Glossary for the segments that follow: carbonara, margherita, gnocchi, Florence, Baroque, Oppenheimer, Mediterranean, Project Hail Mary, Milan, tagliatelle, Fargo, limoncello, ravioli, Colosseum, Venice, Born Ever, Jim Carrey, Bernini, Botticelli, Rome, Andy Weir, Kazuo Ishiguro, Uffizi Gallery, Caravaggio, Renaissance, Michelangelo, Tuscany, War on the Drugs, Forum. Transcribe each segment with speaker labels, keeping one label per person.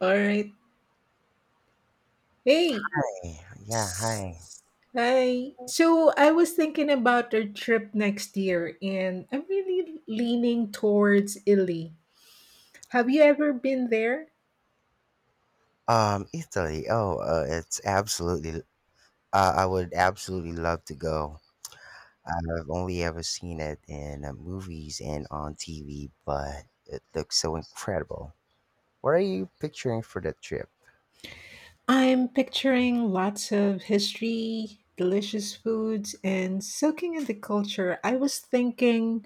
Speaker 1: All right. Hey.
Speaker 2: Hey, yeah, hi.
Speaker 1: s- Hi. So I was thinking about our trip next year and I'm really leaning towards Italy. Have you ever been there?
Speaker 2: Italy. Oh, it's absolutely. I would absolutely love to go. I've only ever seen it in movies and on TV, but it looks so incredible. What are you picturing for the trip?
Speaker 1: I'm picturing lots of history, delicious foods, and soaking in the culture. I was thinking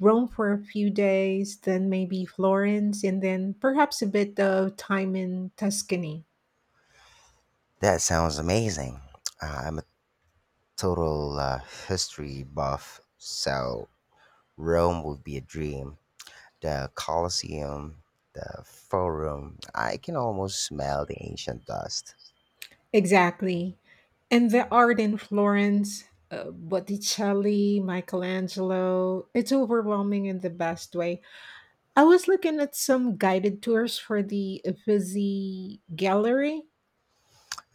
Speaker 1: Rome for a few days, then maybe Florence, and then perhaps a bit of time in Tuscany.
Speaker 2: That sounds amazing. I'm a total history buff, so Rome would be a dream. The Colosseum, the Forum. I can almost smell the ancient dust.
Speaker 1: Exactly. And the art in Florence, Botticelli, Michelangelo, it's overwhelming in the best way. I was looking at some guided tours for the Uffizi Gallery.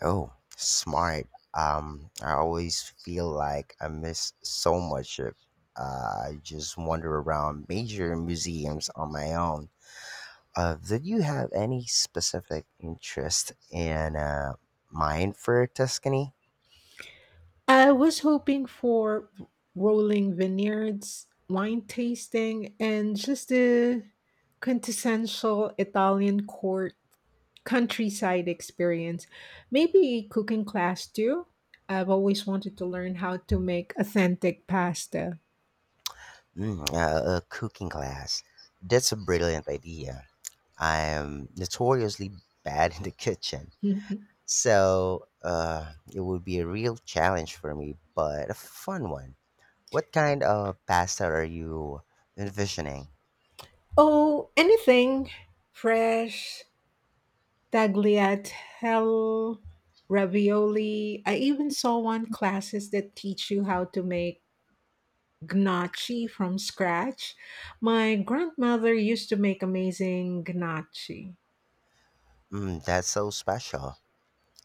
Speaker 2: Oh, smart. I always feel like I miss so much if I just wander around major museums on my own. Did you have any specific interest in mind for Tuscany?
Speaker 1: I was hoping for rolling vineyards, wine tasting, and just a quintessential Italian court countryside experience. Maybe cooking class too. I've always wanted to learn how to make authentic pasta.
Speaker 2: A cooking class. That's a brilliant idea. I am notoriously bad in the kitchen.
Speaker 1: Mhm.
Speaker 2: So it would be a real challenge for me, but a fun one. What kind of pasta are you envisioning?
Speaker 1: Oh, anything fresh, tagliatelle, ravioli. I even saw one classes that teach you how to make gnocchi from scratch. My grandmother used to make amazing gnocchi.
Speaker 2: Mm, that's so special.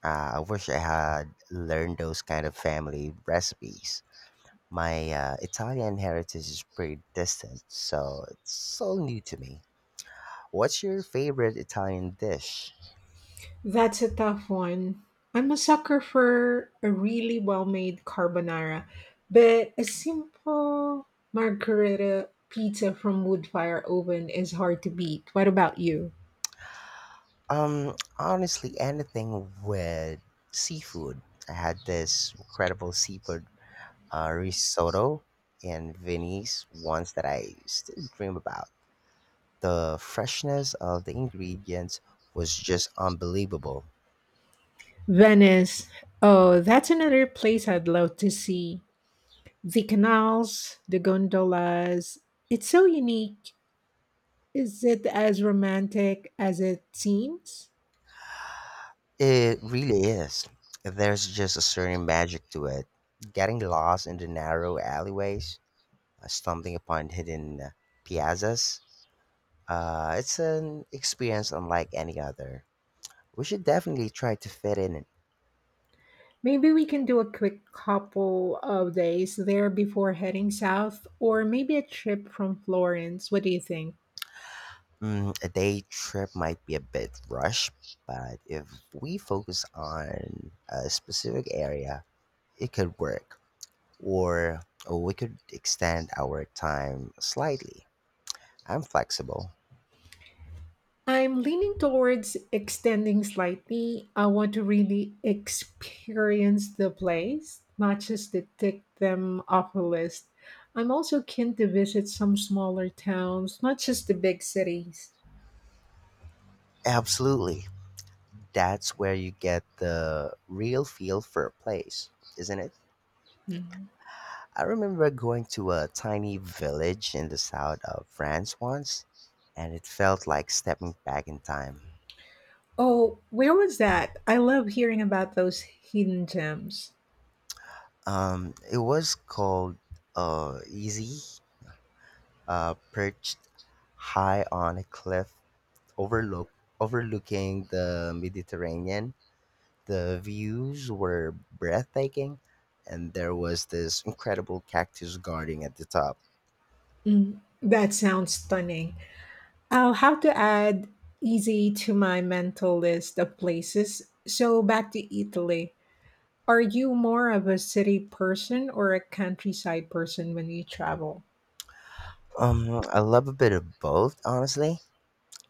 Speaker 2: I wish I had learned those kind of family recipes. My Italian heritage is pretty distant, so it's so new to me. What's your favorite Italian dish?
Speaker 1: That's a tough one. I'm a sucker for a really well made carbonara, but a simple margherita pizza from wood fire oven is hard to beat. What about you?
Speaker 2: Honestly, anything with seafood. I had this incredible seafood risotto in Venice once that I still dream about. The freshness of the ingredients was just unbelievable.
Speaker 1: Venice. Oh, that's another place I'd love to see. The canals, the gondolas. It's so unique. Is it as romantic as it seems?
Speaker 2: It really is. There's just a certain magic to it. Getting lost in the narrow alleyways, stumbling upon hidden piazzas, it's an experience unlike any other. We should definitely try to fit in it.
Speaker 1: Maybe we can do a quick couple of days there before heading south, or maybe a trip from Florence. What do you think?
Speaker 2: Mm, a day trip might be a bit rushed, but if we focus on a specific area, it could work. Or, oh, we could extend our time slightly. I'm flexible.
Speaker 1: I'm leaning towards extending slightly. I want to really experience the place, not just to tick them off a list. I'm also keen to visit some smaller towns, not just the big cities.
Speaker 2: Absolutely. That's where you get the real feel for a place, isn't it?
Speaker 1: Mhm.
Speaker 2: I remember going to a tiny village in the south of France once, and it felt like stepping back in time.
Speaker 1: Oh, where was that? I love hearing about those hidden gems.
Speaker 2: It was called Easy, perched high on a cliff overlook overlooking the Mediterranean. The views were breathtaking, and there was this incredible cactus garden at the top.
Speaker 1: Mm, that sounds stunning. I'll have to add easy to my mental list of places. So back to Italy. Are you more of a city person or a countryside person when you travel?
Speaker 2: I love a bit of both, honestly.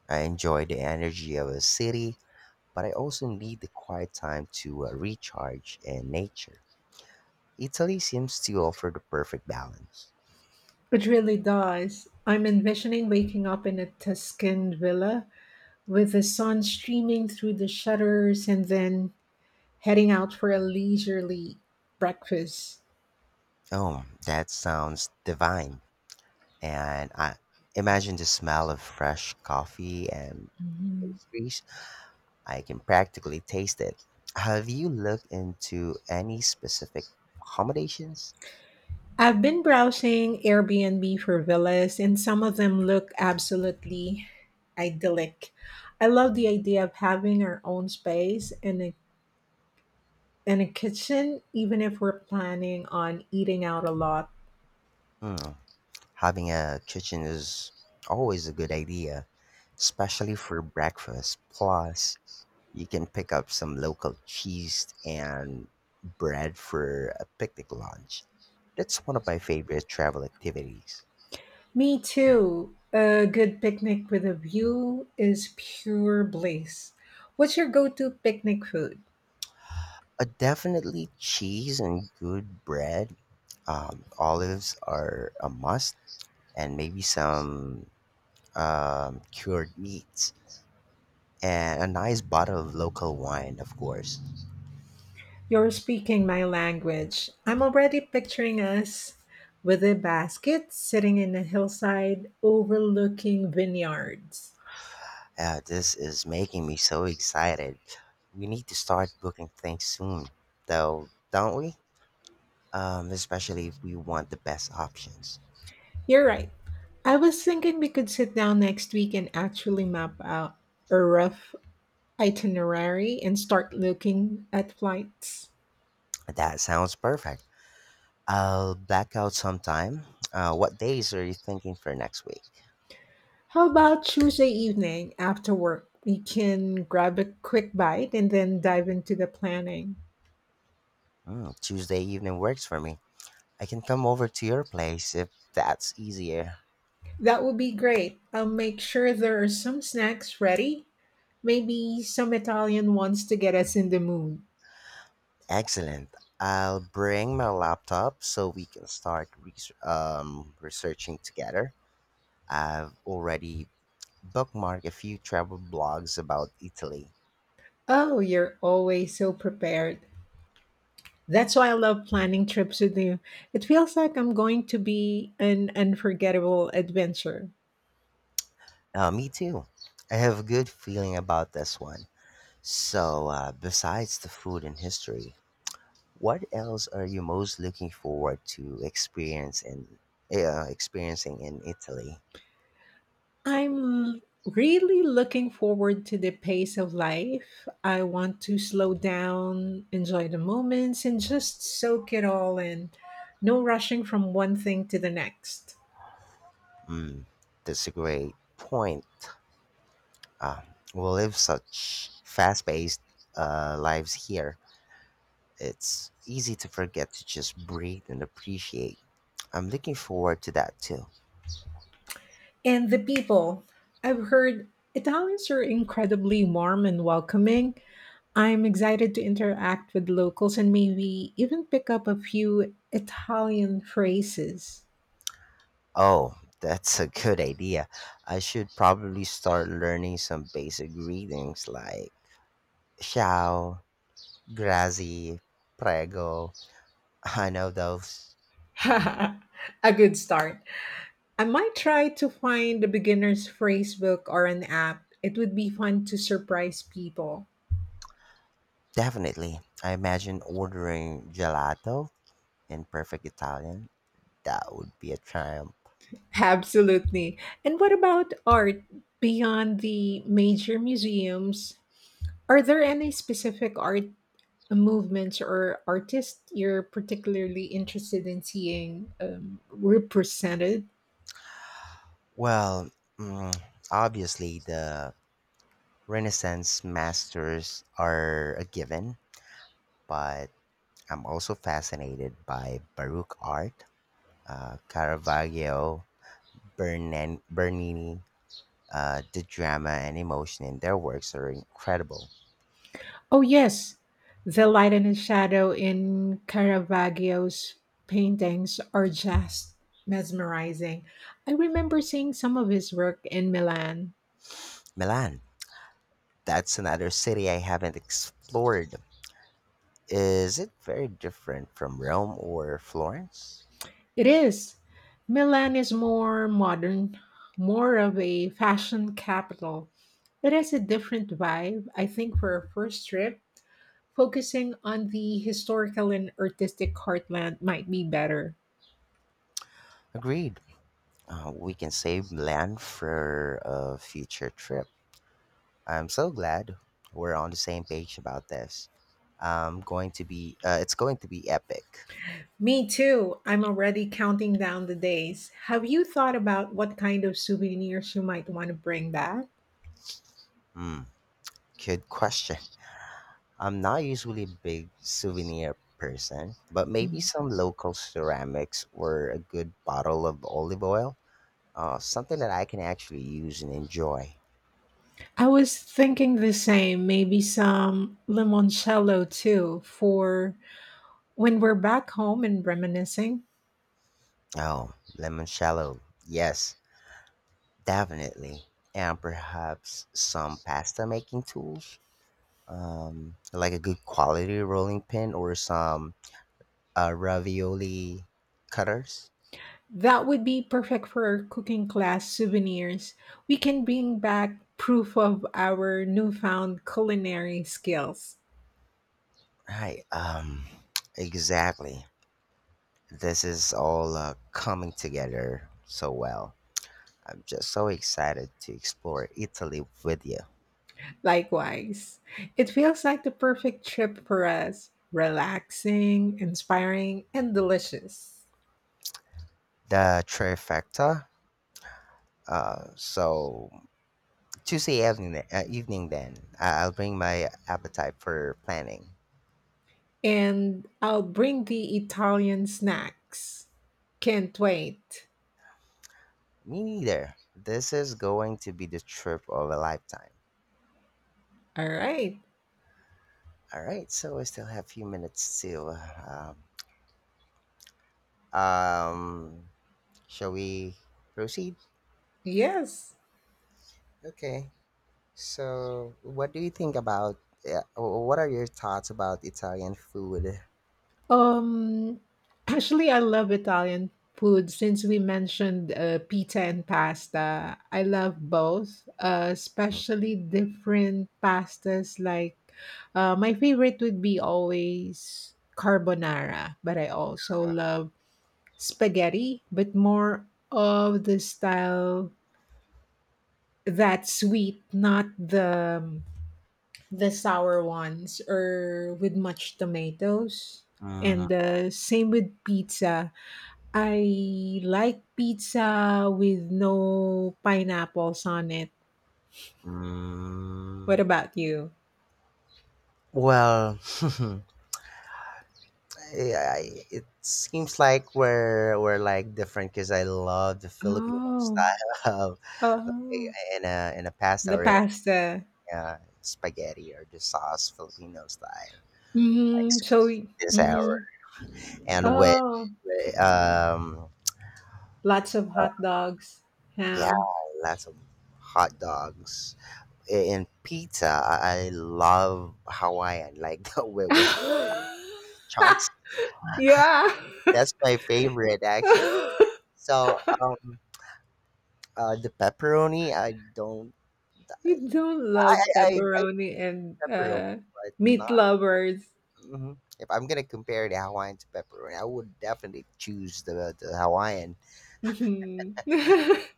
Speaker 2: I enjoy the energy of a city, but I also need the quiet time to recharge in nature. Italy seems to offer the perfect balance.
Speaker 1: It really does. I'm envisioning waking up in a Tuscan villa with the sun streaming through the shutters and then heading out for a leisurely breakfast.
Speaker 2: Oh, that sounds divine. And I imagine the smell of fresh coffee and
Speaker 1: Mhm.
Speaker 2: pastries. I can practically taste it. Have you looked into any specific accommodations?
Speaker 1: I've been browsing Airbnb for villas, and some of them look absolutely idyllic. I love the idea of having our own space and a kitchen, even if we're planning on eating out a lot.
Speaker 2: Hmm, having a kitchen is always a good idea, especially for breakfast. Plus, you can pick up some local cheese and bread for a picnic lunch. That's one of my favorite travel activities.
Speaker 1: Me too. A good picnic with a view is pure bliss. What's your go to picnic food?
Speaker 2: Definitely cheese and good bread. Olives are a must, and maybe some cured meats. And a nice bottle of local wine, of course.
Speaker 1: You're speaking my language. I'm already picturing us with a basket sitting in a hillside overlooking vineyards.
Speaker 2: This is making me so excited. We need to start booking things soon, though, don't we? Especially if we want the best options.
Speaker 1: You're right. I was thinking we could sit down next week and actually map out a rough itinerary and start looking at flights.
Speaker 2: That sounds perfect. I'll black out sometime. What days are you thinking for next week?
Speaker 1: How about Tuesday evening after work? We can grab a quick bite and then dive into the planning.
Speaker 2: Tuesday evening works for me. I can come over to your place if that's easier.
Speaker 1: That would be great. I'll make sure there are some snacks ready. Maybe some Italian ones to get us in the mood.
Speaker 2: Excellent. I'll bring my laptop so we can start researching together. I've already bookmarked a few travel blogs about Italy.
Speaker 1: Oh, you're always so prepared. That's why I love planning trips with you. It feels like I'm going to be an unforgettable adventure.
Speaker 2: Me too. I have a good feeling about this one. So, besides the food and history, what else are you most looking forward to experiencing in Italy?
Speaker 1: I'm really looking forward to the pace of life. I want to slow down, enjoy the moments, and just soak it all in. No rushing from one thing to the next.
Speaker 2: Mm, that's a great point. Uh, we live such fast-paced lives here. It's easy to forget to just breathe and appreciate. I'm looking forward to that too.
Speaker 1: And the people. I've heard Italians are incredibly warm and welcoming. I'm excited to interact with locals and maybe even pick up a few Italian phrases.
Speaker 2: Oh, that's a good idea. I should probably start learning some basic greetings like ciao, Grazi, Prego. I know those.
Speaker 1: A good start. I might try to find a beginner's phrase book or an app. It would be fun to surprise people.
Speaker 2: Definitely. I imagine ordering gelato in perfect Italian. That would be a triumph.
Speaker 1: Absolutely. And what about art beyond the major museums? Are there any specific art movements or artists you're particularly interested in seeing, represented?
Speaker 2: Well, mm, obviously, the Renaissance masters are a given, but I'm also fascinated by Baroque art, Caravaggio, Bernini. The drama and emotion in their works are incredible.
Speaker 1: Oh, yes. The light and the shadow in Caravaggio's paintings are just mesmerizing. I remember seeing some of his work in Milan.
Speaker 2: Milan. That's another city I haven't explored. Is it very different from Rome or Florence?
Speaker 1: It is. Milan is more modern, more of a fashion capital. It has a different vibe, I think. For a first trip, focusing on the historical and artistic heartland might be better.
Speaker 2: Agreed. We can save land for a future trip. I'm so glad we're on the same page about this. I'm going to be. It's going to be epic.
Speaker 1: Me too. I'm already counting down the days. Have you thought about what kind of souvenirs you might want to bring back?
Speaker 2: Hmm. Good question. I'm not usually a big souvenir person, but maybe
Speaker 1: Mm.
Speaker 2: some local ceramics or a good bottle of olive oil. Something that I can actually use and enjoy.
Speaker 1: I was thinking the same, maybe some limoncello too, for when we're back home and reminiscing.
Speaker 2: Oh, lemon shallow. Yes, definitely. And perhaps some pasta making tools. Like a good quality rolling pin or some ravioli cutters.
Speaker 1: That would be perfect for our cooking class souvenirs. We can bring back proof of our newfound culinary skills.
Speaker 2: Right. Exactly. This is all coming together so well. I'm just so excited to explore Italy with you.
Speaker 1: Likewise, it feels like the perfect trip for us, relaxing, inspiring, and delicious.
Speaker 2: The trifecta. So Tuesday evening, evening then. I'll bring my appetite for planning.
Speaker 1: And I'll bring the Italian snacks. Can't wait.
Speaker 2: Me neither. This is going to be the trip of a lifetime.
Speaker 1: All right.
Speaker 2: All right, so I still have a few minutes still. Um, Shall we proceed?
Speaker 1: Yes.
Speaker 2: Okay. So, what do you think about? What are your thoughts about Italian food?
Speaker 1: Um, Actually, I love Italian food. Since we mentioned pizza and pasta, I love both, especially different pastas. My favorite would be always carbonara, but I also love spaghetti, but more of the style that's sweet, not the the sour ones or with much tomatoes.
Speaker 2: Mm,
Speaker 1: And same with pizza. I like pizza with no pineapples on it. What
Speaker 2: mm,
Speaker 1: about you?
Speaker 2: Well, yeah, it seems like we're like different because I love the Filipino
Speaker 1: Oh,
Speaker 2: style of like,
Speaker 1: oh,
Speaker 2: in a pasta
Speaker 1: the
Speaker 2: or in
Speaker 1: pasta.
Speaker 2: a spaghetti or the sauce Filipino style like
Speaker 1: Hmm. So,
Speaker 2: sweet and sour
Speaker 1: hmm.
Speaker 2: and with,
Speaker 1: Oh,
Speaker 2: with um
Speaker 1: lots of hot dogs,
Speaker 2: yeah,
Speaker 1: ham.
Speaker 2: lots of hot dogs. In pizza I love Hawaiian, like, with chunks.
Speaker 1: Yeah.
Speaker 2: That's my favorite, actually. So the pepperoni I don't.
Speaker 1: You don't
Speaker 2: I
Speaker 1: love
Speaker 2: I eat
Speaker 1: pepperoni and
Speaker 2: pepperoni, but not.
Speaker 1: meat lovers.
Speaker 2: hmm If I'm gonna compare the Hawaiian to pepperoni, I would definitely choose the Hawaiian.
Speaker 1: Mhm.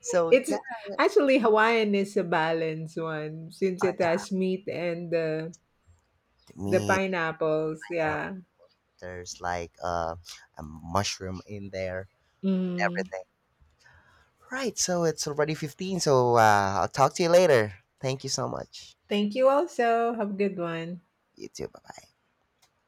Speaker 2: So
Speaker 1: It's
Speaker 2: yeah,
Speaker 1: actually Hawaiian is a balanced one since it has meat and
Speaker 2: to
Speaker 1: the
Speaker 2: me
Speaker 1: pineapples.
Speaker 2: now
Speaker 1: Yeah.
Speaker 2: there's like a mushroom in there,
Speaker 1: Mm.
Speaker 2: everything. Right. So it's already 15. So I'll talk to you later. Thank you so much.
Speaker 1: Thank you. Also, have a good one.
Speaker 2: You too. Bye bye.